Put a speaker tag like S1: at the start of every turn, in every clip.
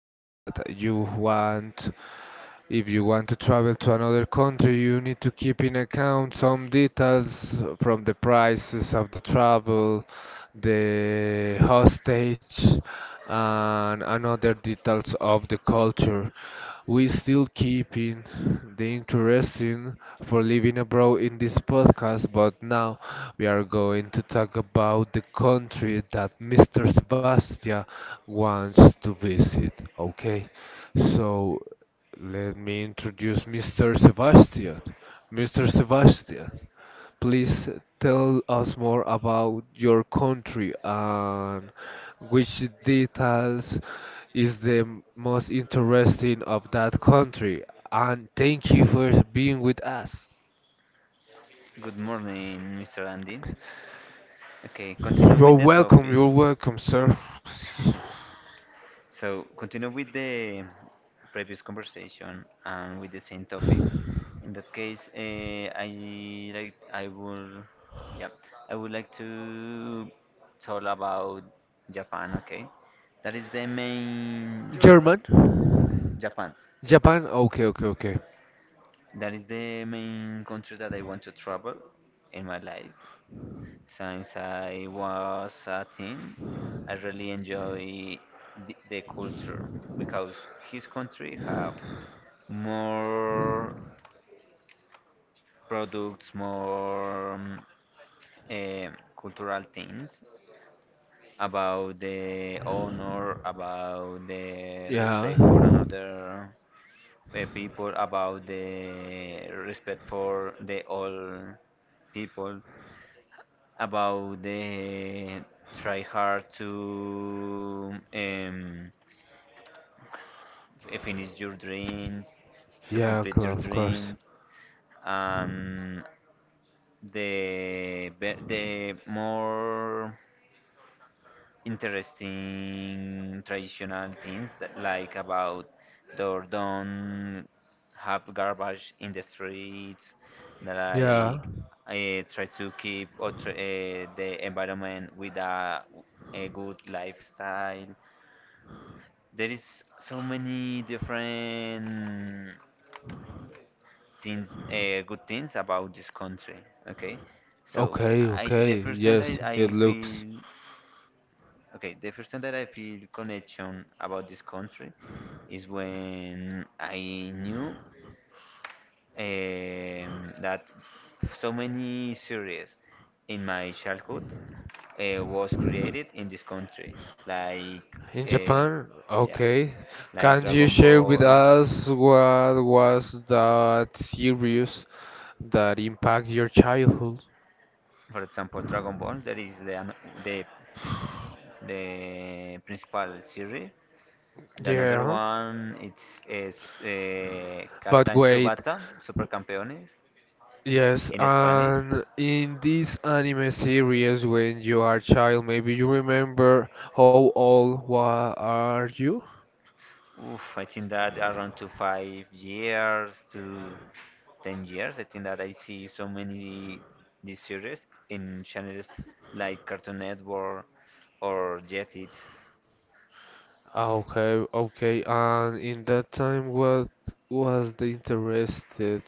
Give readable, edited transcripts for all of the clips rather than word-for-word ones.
S1: that you want if you want to travel to another country, you need to keep in account some details from the prices of the travel, the hostage, and other details of the culture. We still keeping the interesting for living abroad in this podcast, but now we are going to talk about the country that Mr. Sebastian wants to visit. Okay, so let me introduce Mr. Sebastian. Mr. Sebastian, please tell us more about your country and which details is the most interesting of that country. And thank you for being with us.
S2: Good morning, Mr. Andy. Okay, continue with the topic.
S1: You're welcome, sir.
S2: So, continue with the previous conversation and with the same topic. In that case, I like I will, yeah, I would like to talk about Japan. Okay, that is the main
S1: German?
S2: Japan.
S1: Japan? Okay, okay, okay.
S2: That is the main country that I want to travel in my life. Since I was a teen, I really enjoy the culture because his country have more products, more eh, cultural things about the honor, about the
S1: Yeah.
S2: respect for another people, about the respect for the all people. About the try hard to finish your dreams, to
S1: Yeah,
S2: complete your
S1: of course.
S2: dreams, and the more interesting traditional things that like about door don't have garbage in the streets that
S1: Yeah.
S2: like try to keep or the environment with a good lifestyle. There is so many different things, good things about this country. Okay, so
S1: Okay,
S2: I the
S1: okay.
S2: first time
S1: Yes,
S2: that I
S1: it
S2: feel
S1: looks.
S2: Okay, the first time that I feel connection about this country is when I knew that so many series in my childhood was created in this country, like
S1: In
S2: uh,
S1: Japan?
S2: yeah,
S1: Okay.
S2: like
S1: Can you
S2: Dragon
S1: share with
S2: Ball,
S1: us what was that series that impact your childhood?
S2: for example, Dragon Ball. There is the the principal series. The another
S1: Yeah.
S2: one it's is
S1: But
S2: Captain
S1: wait.
S2: Tsubasa, Supercampeones
S1: Yes,
S2: in Spanish.
S1: and in this anime series, when you are a child, maybe you remember how old wa are you?
S2: Oof, I think that around to 5 years to 10 years. I think that I see so many these series in channels like Cartoon Network or Jetix.
S1: Okay, okay. And in that time, what was the interested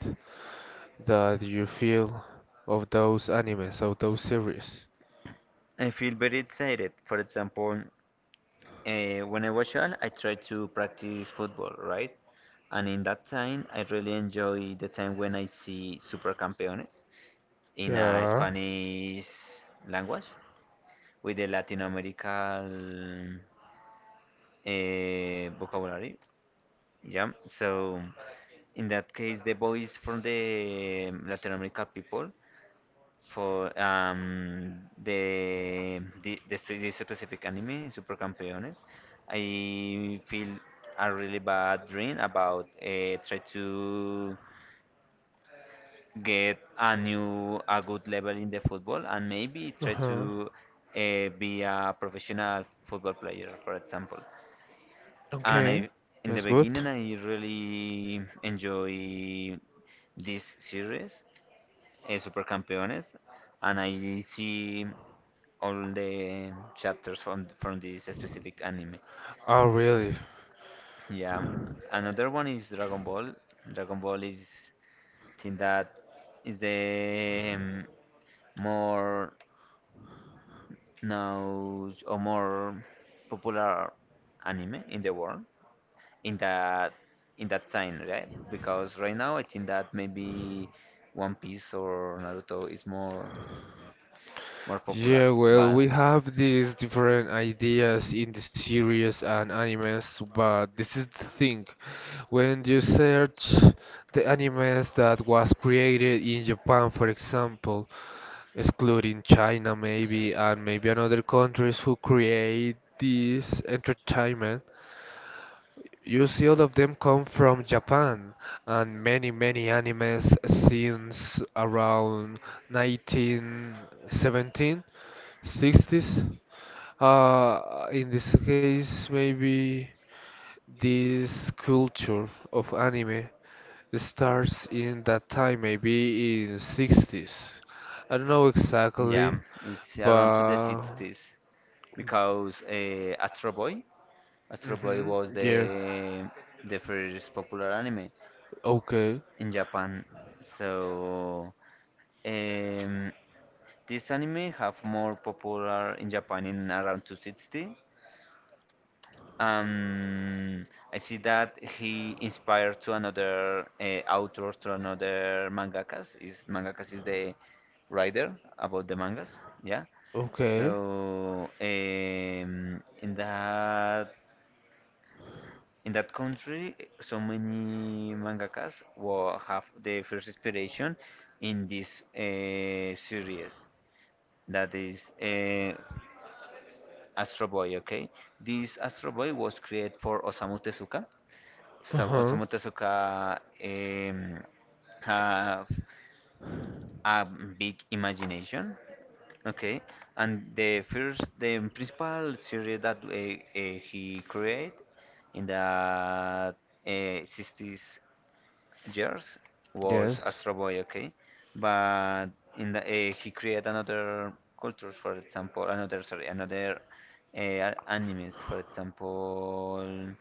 S1: that you feel of those animes, of those series?
S2: I feel very excited. For example, when I was child, I tried to practice football, right? And in that time, I really enjoy the time when I see Supercampeones in a
S1: Yeah.
S2: Spanish language with the Latin American vocabulary. Yeah, so in that case, the boys from the Latin American people for the specific anime, Super Campeones. I feel a really bad dream about try to get a good level in the football and maybe try
S1: Uh-huh.
S2: to be a professional football player, for example. And
S1: Okay,
S2: I, in the
S1: that's good.
S2: beginning, I really enjoy this series, Super Campeones, and I see all the chapters from this specific anime.
S1: Oh, really?
S2: Yeah, another one is Dragon Ball. Dragon Ball is think that is the more known or more popular anime in the world in that in that time, right? Because right now I think that maybe One Piece or Naruto is more popular.
S1: Yeah, well,
S2: But
S1: we have these different ideas in the series and animes, but this is the thing. When you search the animes that was created in Japan, for example, excluding China maybe and maybe another countries who create this entertainment, you see all of them come from Japan and many animes since around 1917, '60s. In this case, maybe this culture of anime starts in that time, maybe in '60s. I don't know
S2: yeah,
S1: exactly,
S2: it's around to the
S1: but
S2: 60s because Astro Boy
S1: hmm
S2: was
S1: yeah.
S2: the first popular anime
S1: Okay,
S2: in Japan. So um, this anime have more popular in Japan in around 260. Um, I see that he inspired to another authors, to another mangakas. Is mangakas is the writer about the mangas, yeah.
S1: okay.
S2: So in that country, so many mangakas will have the first inspiration in this series that is Astro Boy. Okay, this Astro Boy was created for Osamu Tezuka. So
S1: Uh-huh.
S2: Osamu Tezuka um, have a big imagination, okay? And the first, the principal series that he created in the 60s years
S1: Yes.
S2: was Astro Boy, okay? But in the he created another cultures, for example, another, sorry, another animes, for example,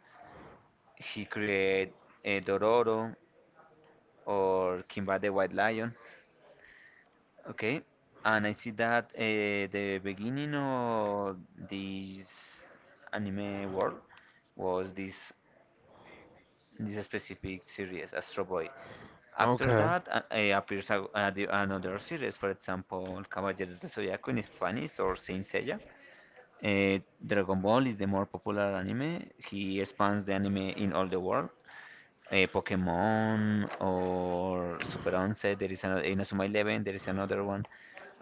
S2: he created Dororo, or Kimba the White Lion. Okay, and I see that the beginning of this anime world was this specific series, Astro Boy. After
S1: Okay.
S2: that, appears another series, for example, Caballero del Zodiaco in Spanish or Saint Seiya. Eh, Dragon Ball is the more popular anime. He expands the anime in all the world. Pokemon or Super 11. There is another Inazuma 11. There is another one,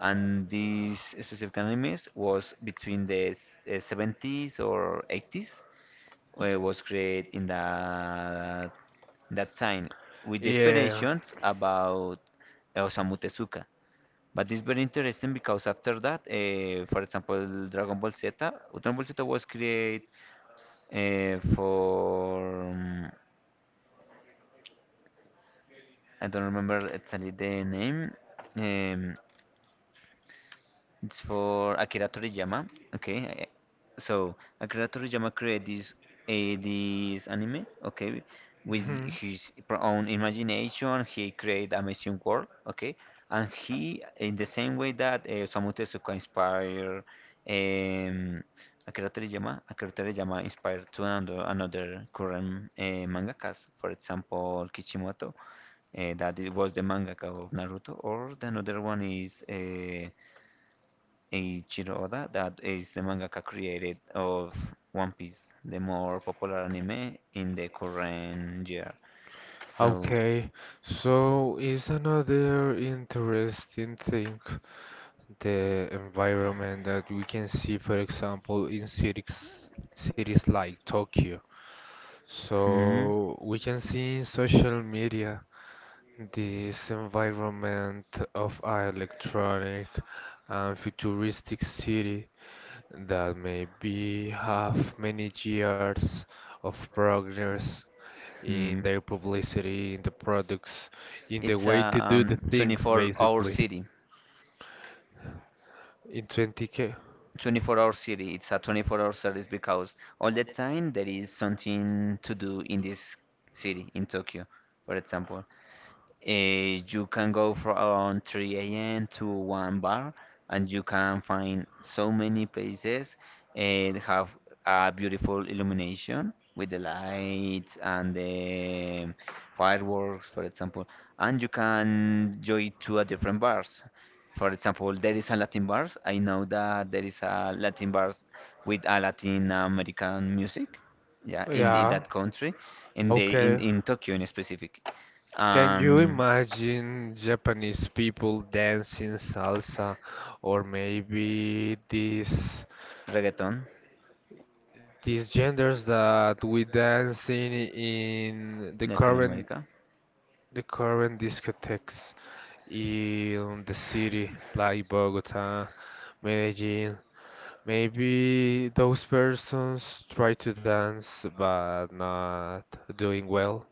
S2: and these specific animes was between the 70s or 80s. Was created in that time with the
S1: Yeah.
S2: inspirations about Osamu Tezuka. But it's very interesting because after that, for example, Dragon Ball Z, was created uh, for. mm, I don't remember exactly the name. Um, it's for Akira Toriyama. Okay, so Akira Toriyama created this anime. Okay, with
S1: hmm
S2: his own imagination, he created amazing world. Okay, and he in the same way that Osamu Tezuka inspired um, Akira Toriyama, Akira Toriyama inspired to another current mangakas, for example Kishimoto, that it was the mangaka of Naruto, or the another one is Eiichiro Oda, that is the mangaka created of One Piece, the more popular anime in the current year. So,
S1: Okay. So is another interesting thing. The environment that we can see, for example, in cities like Tokyo.
S2: hmm,
S1: So we can see in social media this environment of our electronic and futuristic city that maybe have many years of progress in
S2: hmm.
S1: their publicity, in the products, in the
S2: It's a
S1: way to do the things,
S2: 24-hour
S1: basically.
S2: city.
S1: In 20K.
S2: 24-hour city. It's a 24-hour service because all the time there is something to do in this city, in Tokyo, for example. You can go from 3 a.m. to one bar, and you can find so many places and have a beautiful illumination with the lights and the fireworks, for example. And you can join to a different bars. For example, there is a Latin bars. I know that there is a Latin bars with a Latin American music, yeah, in
S1: Yeah,
S2: that country,
S1: okay.
S2: in Tokyo in specific.
S1: Can you
S2: Um,
S1: imagine Japanese people dancing salsa or maybe these
S2: Reggaeton,
S1: these genders that we dancing in the
S2: Latin
S1: current
S2: America.
S1: the current discotheques in the city like Bogota, Medellin. Maybe those persons try to dance but not doing well.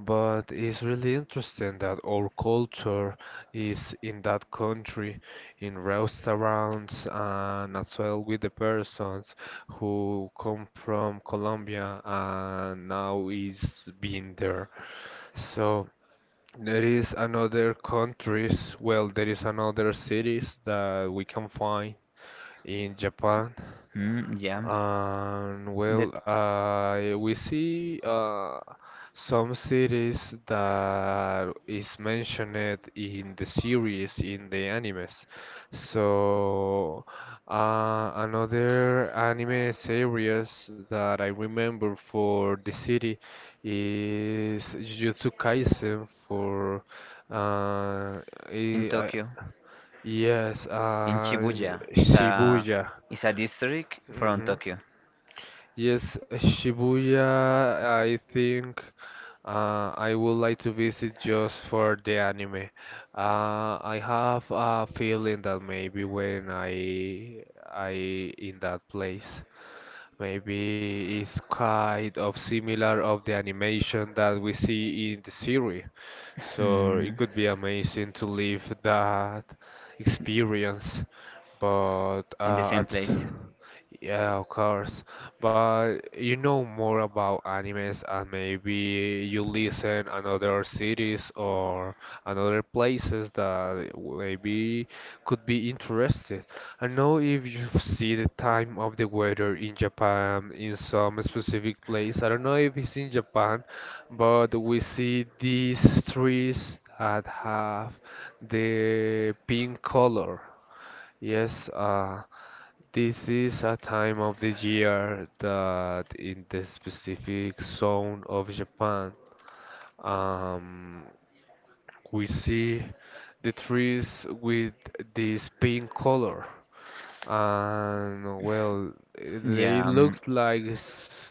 S1: But it's really interesting that our culture is in that country, in restaurants, and as well with the persons who come from Colombia and now is being there. So there is another countries, well, there is another cities that we can find in Japan
S2: Mm, yeah,
S1: and
S2: in the,
S1: well, we see some cities that is mentioned in the series, in the animes. So another anime series that I remember for the city is Jujutsu Kaisen for uh,
S2: in
S1: i
S2: Tokyo,
S1: I- yes,
S2: in Shibuya, is a
S1: Shibuya.
S2: is a district from
S1: hmm
S2: Tokyo.
S1: Yes, Shibuya, I think I would like to visit just for the anime. I have a feeling that maybe when I in that place, maybe it's kind of similar of the animation that we see in the series. So
S2: Hmm,
S1: it could be amazing to live that experience. But
S2: in the same
S1: it's
S2: place.
S1: yeah, of course. But you know more about animes, and maybe you listen another cities or another places that maybe could be interested. I know if you see the time of the weather in Japan in some specific place. I don't know if it's in Japan, but we see these trees that have the pink color. Yes, this is a time of the year that in the specific zone of Japan, um, we see the trees with this pink color and well, they
S2: Yeah.
S1: looks like it's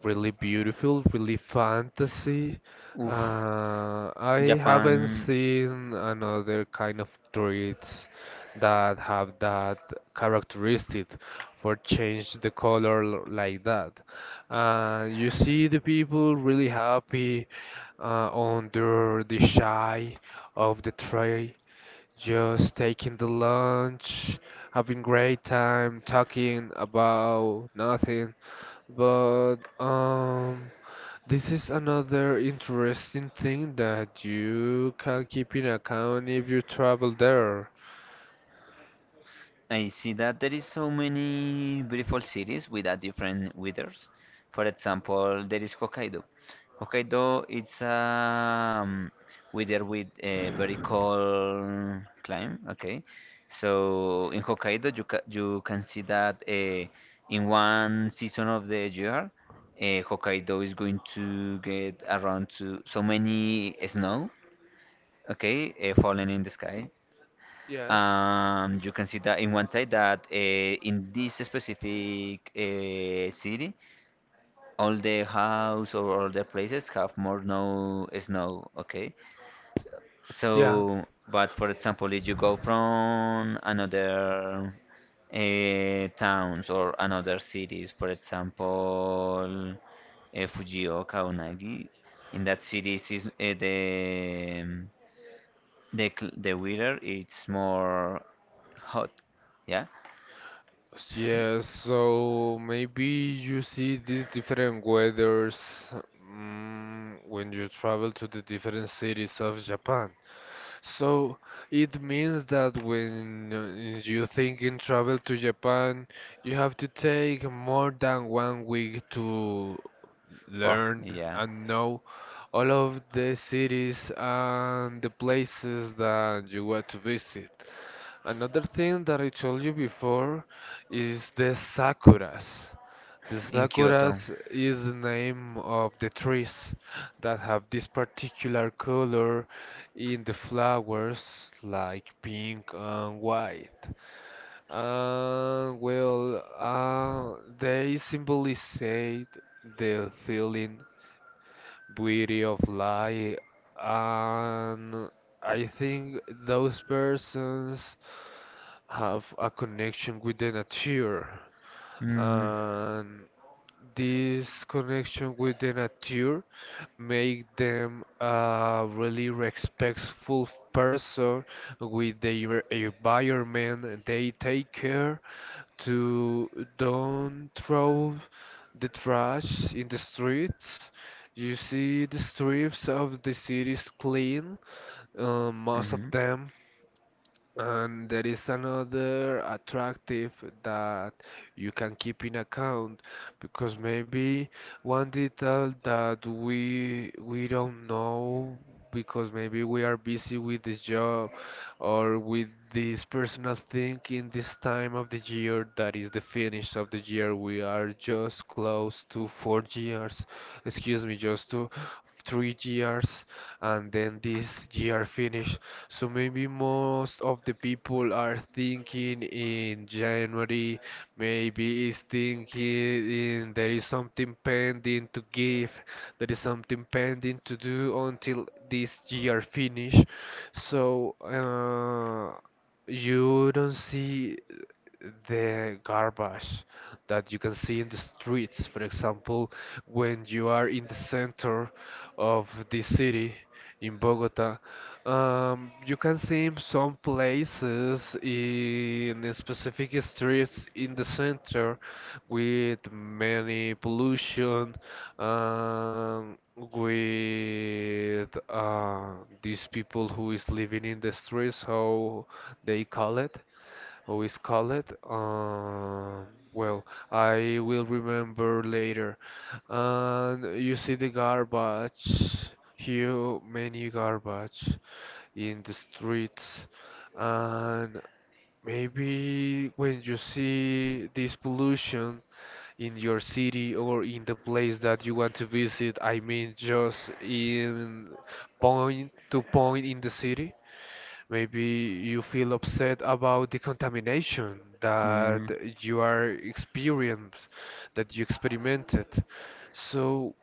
S1: really beautiful, really fantasy.
S2: Oof,
S1: I haven't
S2: Japan.
S1: seen another kind of trees that have that characteristic for change the color like that. You see the people really happy under the shade of the tree just taking the lunch, having great time, talking about nothing. But this is another interesting thing that you can keep in account if you travel there.
S2: I see that there is so many beautiful cities with a different weathers. For example, there is Hokkaido. Hokkaido it's weather with a very cold climate. Okay, so in Hokkaido you can see that in one season of the year, Hokkaido is going to get around to so many snow. Okay, falling in the sky.
S1: Yes.
S2: You can see that in one side that in this specific city, all the house or all the places have more no snow. Okay,
S1: Yeah.
S2: so but for example, if you go from another towns or another cities, for example, Fujioka or Nagi, in that city, is the weather it's more hot. Yeah,
S1: Yes, so maybe you see these different weathers when you travel to the different cities of Japan. So it means that when you think in travel to Japan, you have to take more than 1 week to
S2: well,
S1: learn
S2: yeah,
S1: and know all of the cities and the places that you want to visit. Another thing that I told you before is the sakuras. The
S2: in Kyoto.
S1: sakuras is the name of the trees that have this particular color in the flowers, like pink and white. Well, they symbolize the feeling beauty of life and I think those persons have a connection with the nature
S2: Mm,
S1: and this connection with the nature make them a really respectful person with the environment they take care to don't throw the trash in the streets. You see the streets of the cities clean, most of
S2: mhm.
S1: them and there is another attractive that you can keep in account because maybe one detail that we don't know because maybe we are busy with this job or with this personal thing in this time of the year that is the finish of the year. We are just close to 4 years, excuse me, just to 3 years and then this year finish so maybe most of the people are thinking in January, maybe is thinking in there is something pending to give, there is something pending to do until this year finish. So you don't see the garbage that you can see in the streets, for example, when you are in the center of the city in Bogota. You can see in some places in specific streets in the center with many pollution, with these people who is living in the streets, how they call it always call it. Well, I will remember later. And you see the garbage, huge many garbage in the streets, and maybe when you see this pollution in your city or in the place that you want to visit, I mean just in point to point in the city. Maybe you feel upset about the contamination that
S2: Mm.
S1: you are experienced, that you experimented. So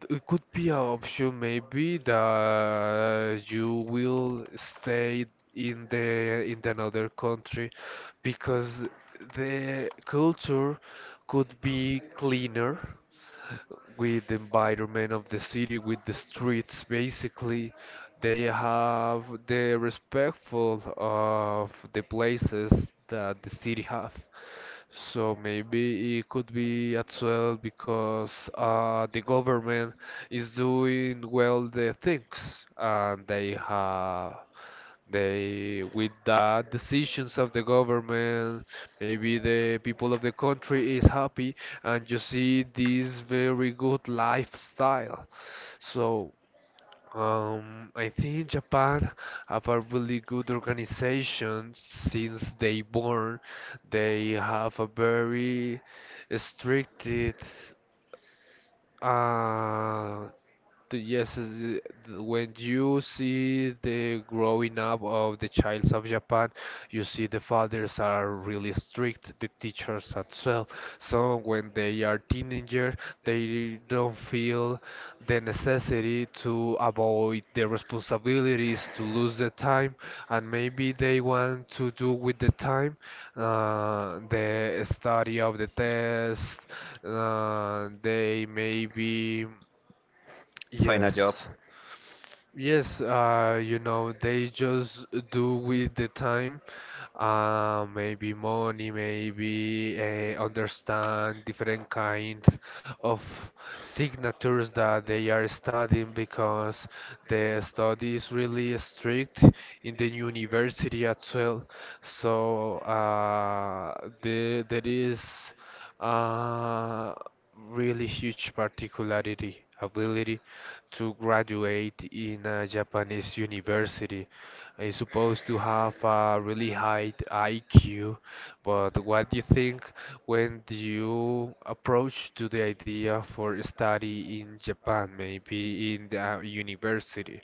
S1: it could be an option maybe that you will stay in another country because the culture could be cleaner with the environment of the city, with the streets, basically. They have the respectful of the places that the city have. So maybe it could be as well because the government is doing well the things and they have they with the decisions of the government maybe the people of the country is happy and you see this very good lifestyle. So, I think Japan have a really good organization since they born. They have a very stricted uh, Yes, when you see the growing up of the childs of Japan, you see the fathers are really strict, the teachers as well. So when they are teenager, they don't feel the necessity to avoid their responsibilities, to lose the time, and maybe they want to do with the time the study of the test. They maybe.
S2: Find a job.
S1: Yes. Yes, they just do with the time, maybe money, maybe understand different kinds of signatures that they are studying because the study is really strict in the university as well. So there is uh, really huge particularity ability to graduate in a Japanese university. Is supposed to have a really high IQ, but what do you think when you approach to the idea for study in Japan, maybe in the university?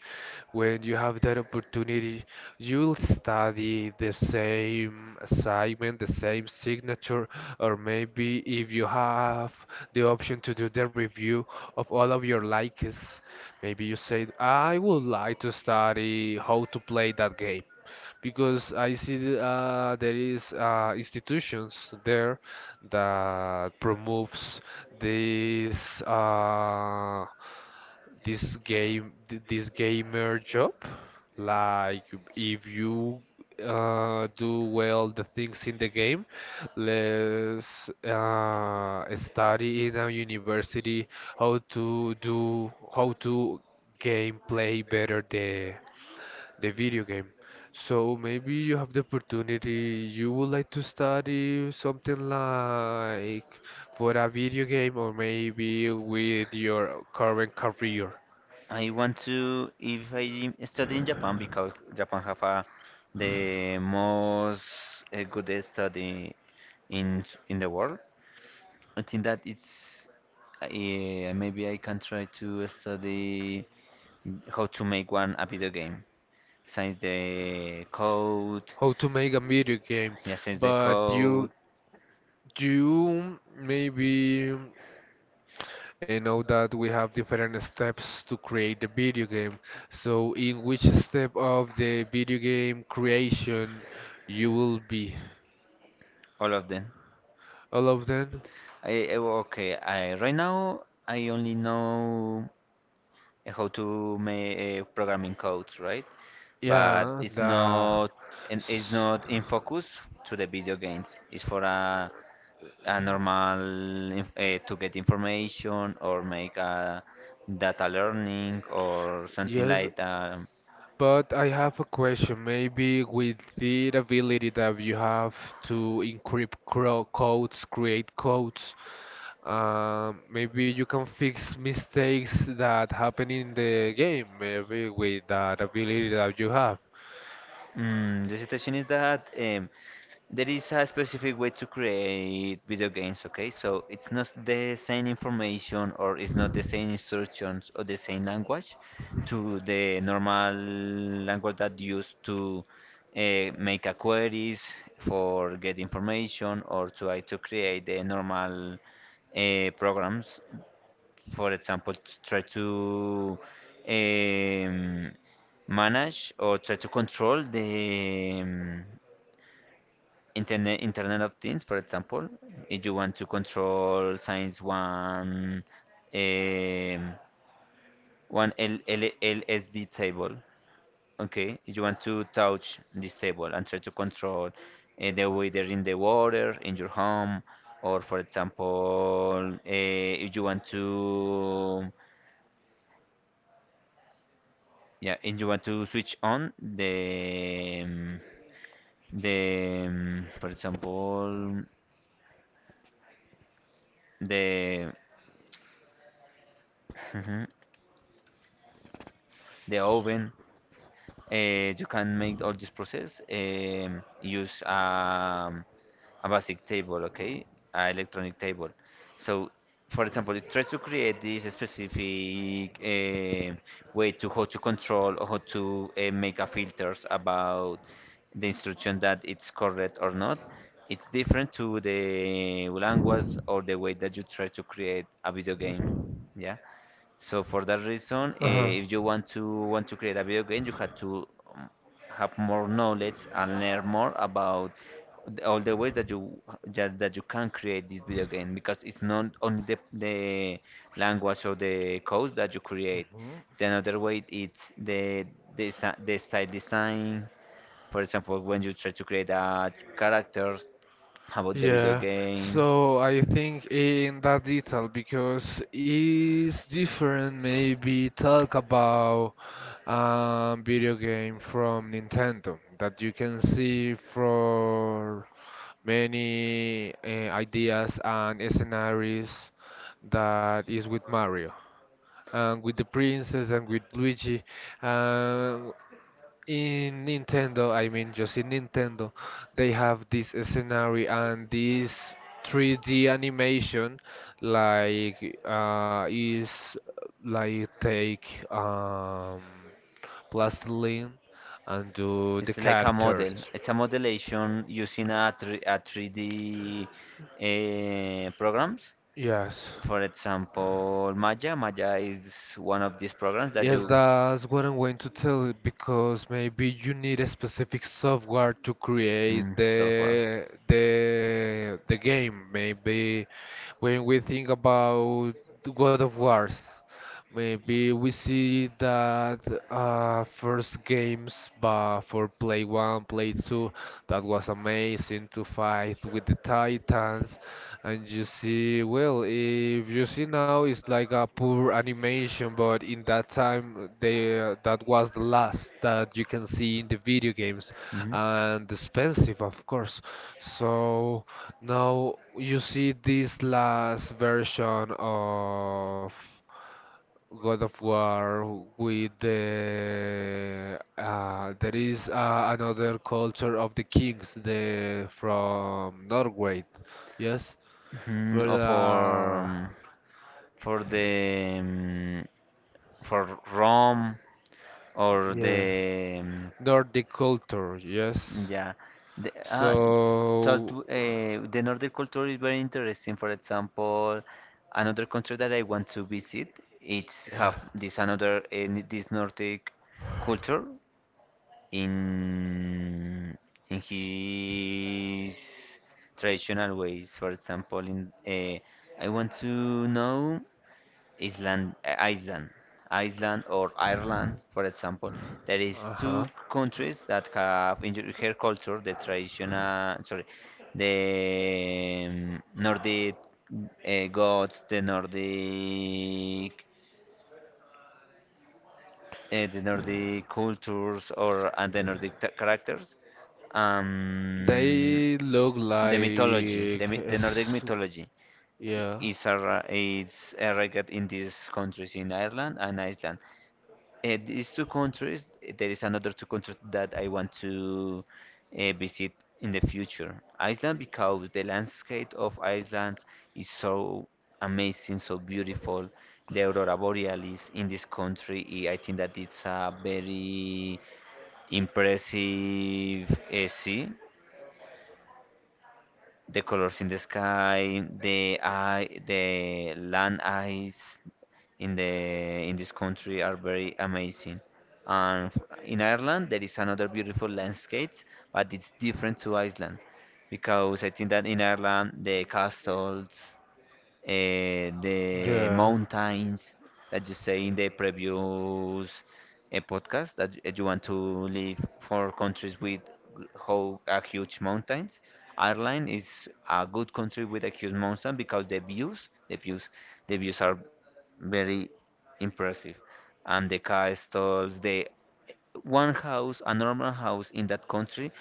S1: When you have that opportunity, you'll study the same assignment, the same signature, or maybe if you have the option to do the review of all of your likes, maybe you say, I would like to study how to play that game. Because I see there is institutions there that promotes this uh, this gamer job like if you do well the things in the game let's study in a university how to game play better the video game so maybe you have the opportunity you would like to study something like for a video game or maybe with your current career
S2: I want to if I study in Japan because Japan have the most good study in the world. I think that it's maybe I can try to study how to make one a video game. Since the code,
S1: how to make a video game,
S2: yeah, since the
S1: but
S2: code,
S1: you maybe know that we have different steps to create the video game. So in which step of the video game creation you will be?
S2: all of them.
S1: All of them?
S2: I, I- okay, I right now I only know how to make programming codes, right? But
S1: Yeah,
S2: it's not and it's
S1: s-
S2: not in focus to the video games. It's for a normal to get information or make a data learning or something
S1: yes.
S2: like that.
S1: But I have a question. Maybe with the ability that you have to encrypt codes, create codes, maybe you can fix mistakes that happen in the game, maybe with that ability that you have.
S2: The situation is that there is a specific way to create video games, okay? So it's not the same information or it's not the same instructions or the same language to the normal language that used to make a queries for get information or try to create the normal programs, for example, try to um, manage or try to control the Internet of Things, for example. If you want to control Science One, um, one LLLSD table. Okay, you want to touch this table and try to control the weather in the water, in your home, or for example, if you want to, yeah, if you want to switch on the, for example, the, Mhm. The oven. You can make all this process use a basic table, okay, a electronic table. So, for example, it tries to create this specific way to how to control or how to make a filters about the instruction that it's correct or not. It's different to the language or the way that you try to create a video game. Yeah. So for that reason,
S1: Uh-huh.
S2: if you want to create a video game, you have to um, have more knowledge and learn more about all the ways that you that you can create this video game because it's not only the language or the code that you create.
S1: Mhm.
S2: The another way it's the style design. For example, when you try to create a characters about the video
S1: Yeah,
S2: game.
S1: so I think in that detail because it's different maybe talk about video game from Nintendo that you can see for many ideas and scenarios that is with Mario and with the princess and with Luigi. In Nintendo, I mean, just in Nintendo, they have this scenario and this 3D animation, like is like take plastiline and do the
S2: It's like a model.
S1: characters.
S2: It's a modulation using a 3D programs.
S1: Yes.
S2: For example, Maya. Maya is one of these programs that
S1: Yes,
S2: you.
S1: that's what I'm going to tell you because maybe you need a specific software to create
S2: Mm, software.
S1: the game. Maybe when we think about God of Wars, maybe we see that first games but for Play 1, Play 2, that was amazing to fight with the Titans. And you see, well, if you see now, it's like a poor animation, but in that time, that was the last that you can see in the video games. And expensive, of course. So now you see this last version of God of War with the there is another culture of the kings the from Norway. Yes,
S2: Mhm,
S1: for
S2: or
S1: the,
S2: for the for Rome or
S1: yeah,
S2: the
S1: Nordic culture, yes.
S2: yeah, the talk
S1: So,
S2: the Nordic culture is very interesting. For example, another country that I want to visit it's
S1: yeah.
S2: have this another this Nordic culture in in his traditional ways. For example, in I want to know Island, Iceland, Iceland or Ireland, for example. There is
S1: Uh-huh.
S2: two countries that have in their culture the traditional, sorry, the Nordic gods, the Nordic cultures or and the Nordic characters, um,
S1: They look
S2: the mythology,
S1: like
S2: the Nordic
S1: it's
S2: mythology i-
S1: yeah.
S2: is arri- is arrived in these countries in Ireland and Iceland. These two countries, there is another two countries that I want to visit in the future. Iceland, because the landscape of Iceland is so amazing, so beautiful. The aurora borealis in this country, I think that it's a very impressive sea, the colors in the sky, the eye, the land eyes in this country are very amazing. In Ireland, there is another beautiful landscapes, but it's different to Iceland because I think that in Ireland the castles, the
S1: Yeah.
S2: mountains that you say in the previous podcast, that you want to live for countries with how a huge mountains. Ireland is a good country with a huge mountain because the views, the views are very impressive, and the castles, the one house, a normal house in that country,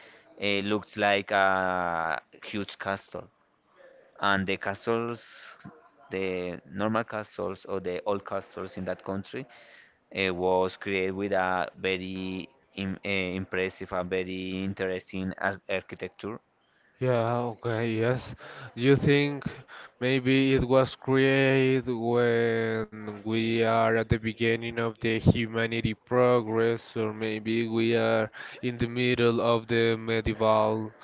S2: looks like a huge castle, and the castles, the normal castles or the old castles in that country, was created with a very im impressive and very interesting ar architecture.
S1: Yeah, okay, yes. You think maybe it was created when we are at the beginning of the humanity progress, or maybe we are in the middle of the medieval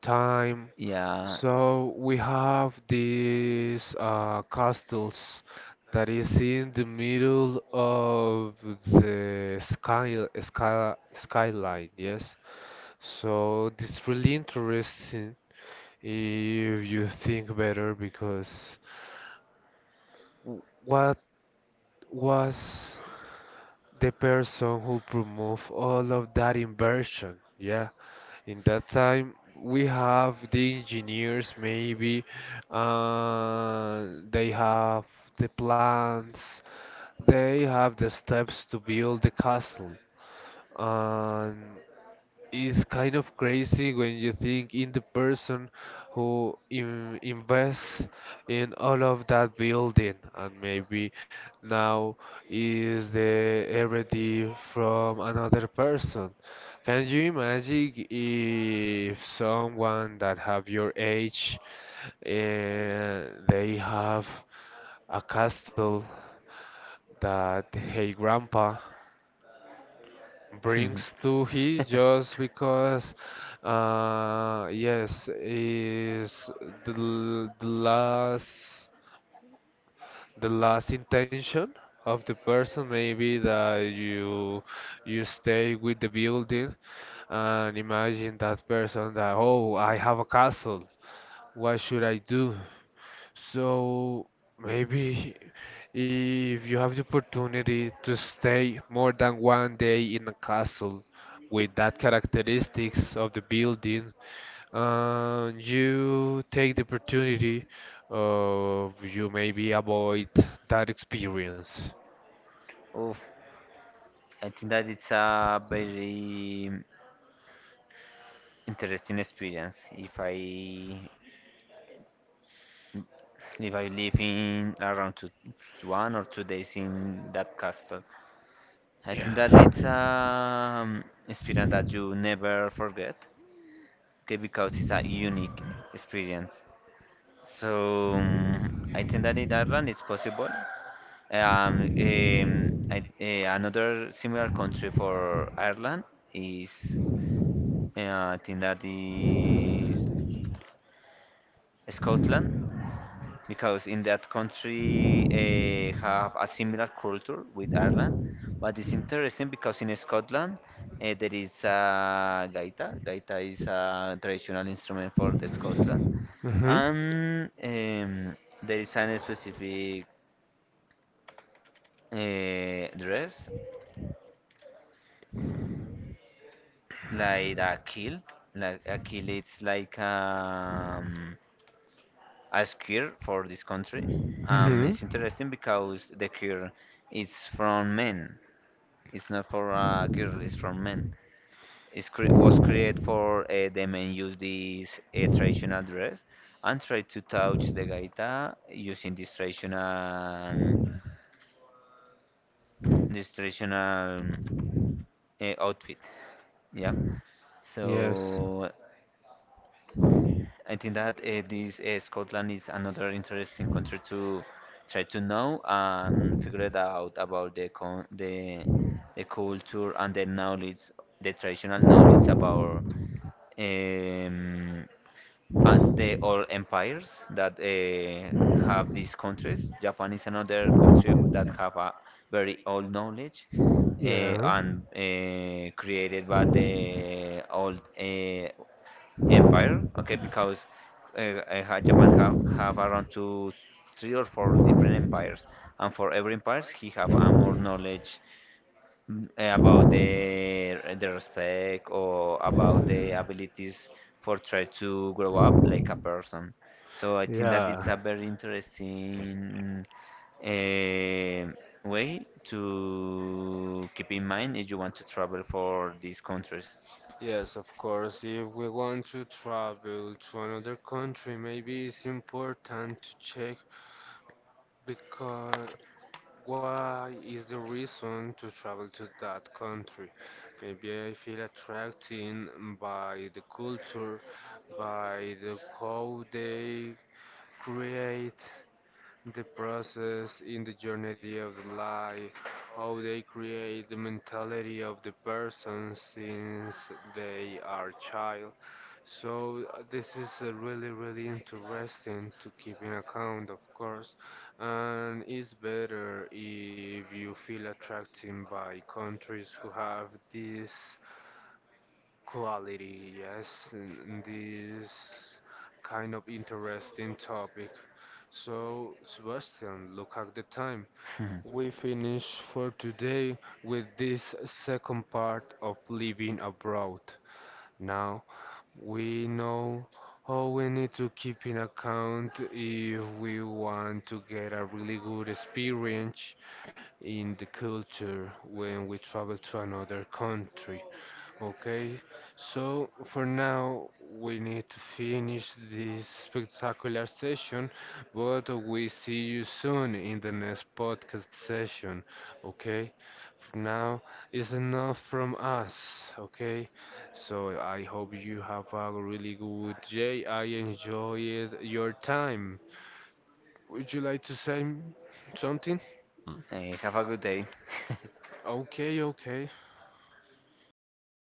S1: time.
S2: Yeah.
S1: So we have these castles that is in the middle of the skyline. Yes. So this really interesting if you think better because what was the person who promote all of that inversion? Yeah. In that time, we have the engineers, maybe, uh, they have the plans, they have the steps to build the castle. And it's kind of crazy when you think in the person who invests in all of that building and maybe now is the heredity from another person. Can you imagine if someone that have your age and they have a castle that hey grandpa brings to he just because yes is the last, the last intention of the person maybe that you stay with the building and imagine that person that, oh, I have a castle, what should I do? So maybe if you have the opportunity to stay more than one day in a castle with that characteristics of the building, you take the opportunity of you maybe avoid that experience.
S2: Oh, I think that it's a very interesting experience. If I live in around two, 1 or 2 days in that castle, I think that
S1: Yeah.
S2: it's an experience that you never forget. Okay, because it's a unique experience. So I think that in Ireland it's possible. Another similar country for Ireland is, yeah, I think that is Scotland, because in that country have a similar culture with Ireland. But it's interesting because in Scotland there is a gaita. Gaita is a traditional instrument for Scotland,
S1: Mm-hmm.
S2: and there is a specific dress like a kilt. Like a kilt, it's like a skirt for this country.
S1: Mm-hmm.
S2: It's interesting because the cure is from men. It's not for girls, it's for men. It cre was created for the men use this traditional dress and try to touch the gaita using this traditional outfit. Yeah.
S1: Yes.
S2: So I think that this Scotland is another interesting country to try to know and figure it out about the culture and the knowledge, the traditional knowledge about um, the old empires that have these countries. Japan is another country that have a very old knowledge, uh,
S1: Yeah.
S2: and created by the old empire. Okay, because Japan have around two, three or four different empires, and for every empires he have a more knowledge about the respect or about the abilities for try to grow up like a person. So I think that it's a
S1: Yeah.
S2: very interesting eh, way to keep in mind if you want to travel for these countries.
S1: Yes, of course. If we want to travel to another country, maybe it's important to check because why is the reason to travel to that country? Maybe I feel attracted by the culture, by the how they create the process in the journey of the life, how they create the mentality of the person since they are child. So this is really really interesting to keep in account, of course, and it's better if you feel attracted by countries who have this quality, yes, in this kind of interesting topic. So, Sebastian, look at the time. We finish for today with this second part of living abroad. Now, we know how we need to keep in account if we want to get a really good experience in the culture when we travel to another country. Okay, so for now we need to finish this spectacular session, but we see you soon in the next podcast session. Okay, for now it's enough from us. Okay, so I hope you have a really good day. I enjoyed your time. Would you like to say something?
S2: Have a good day.
S1: Okay, okay.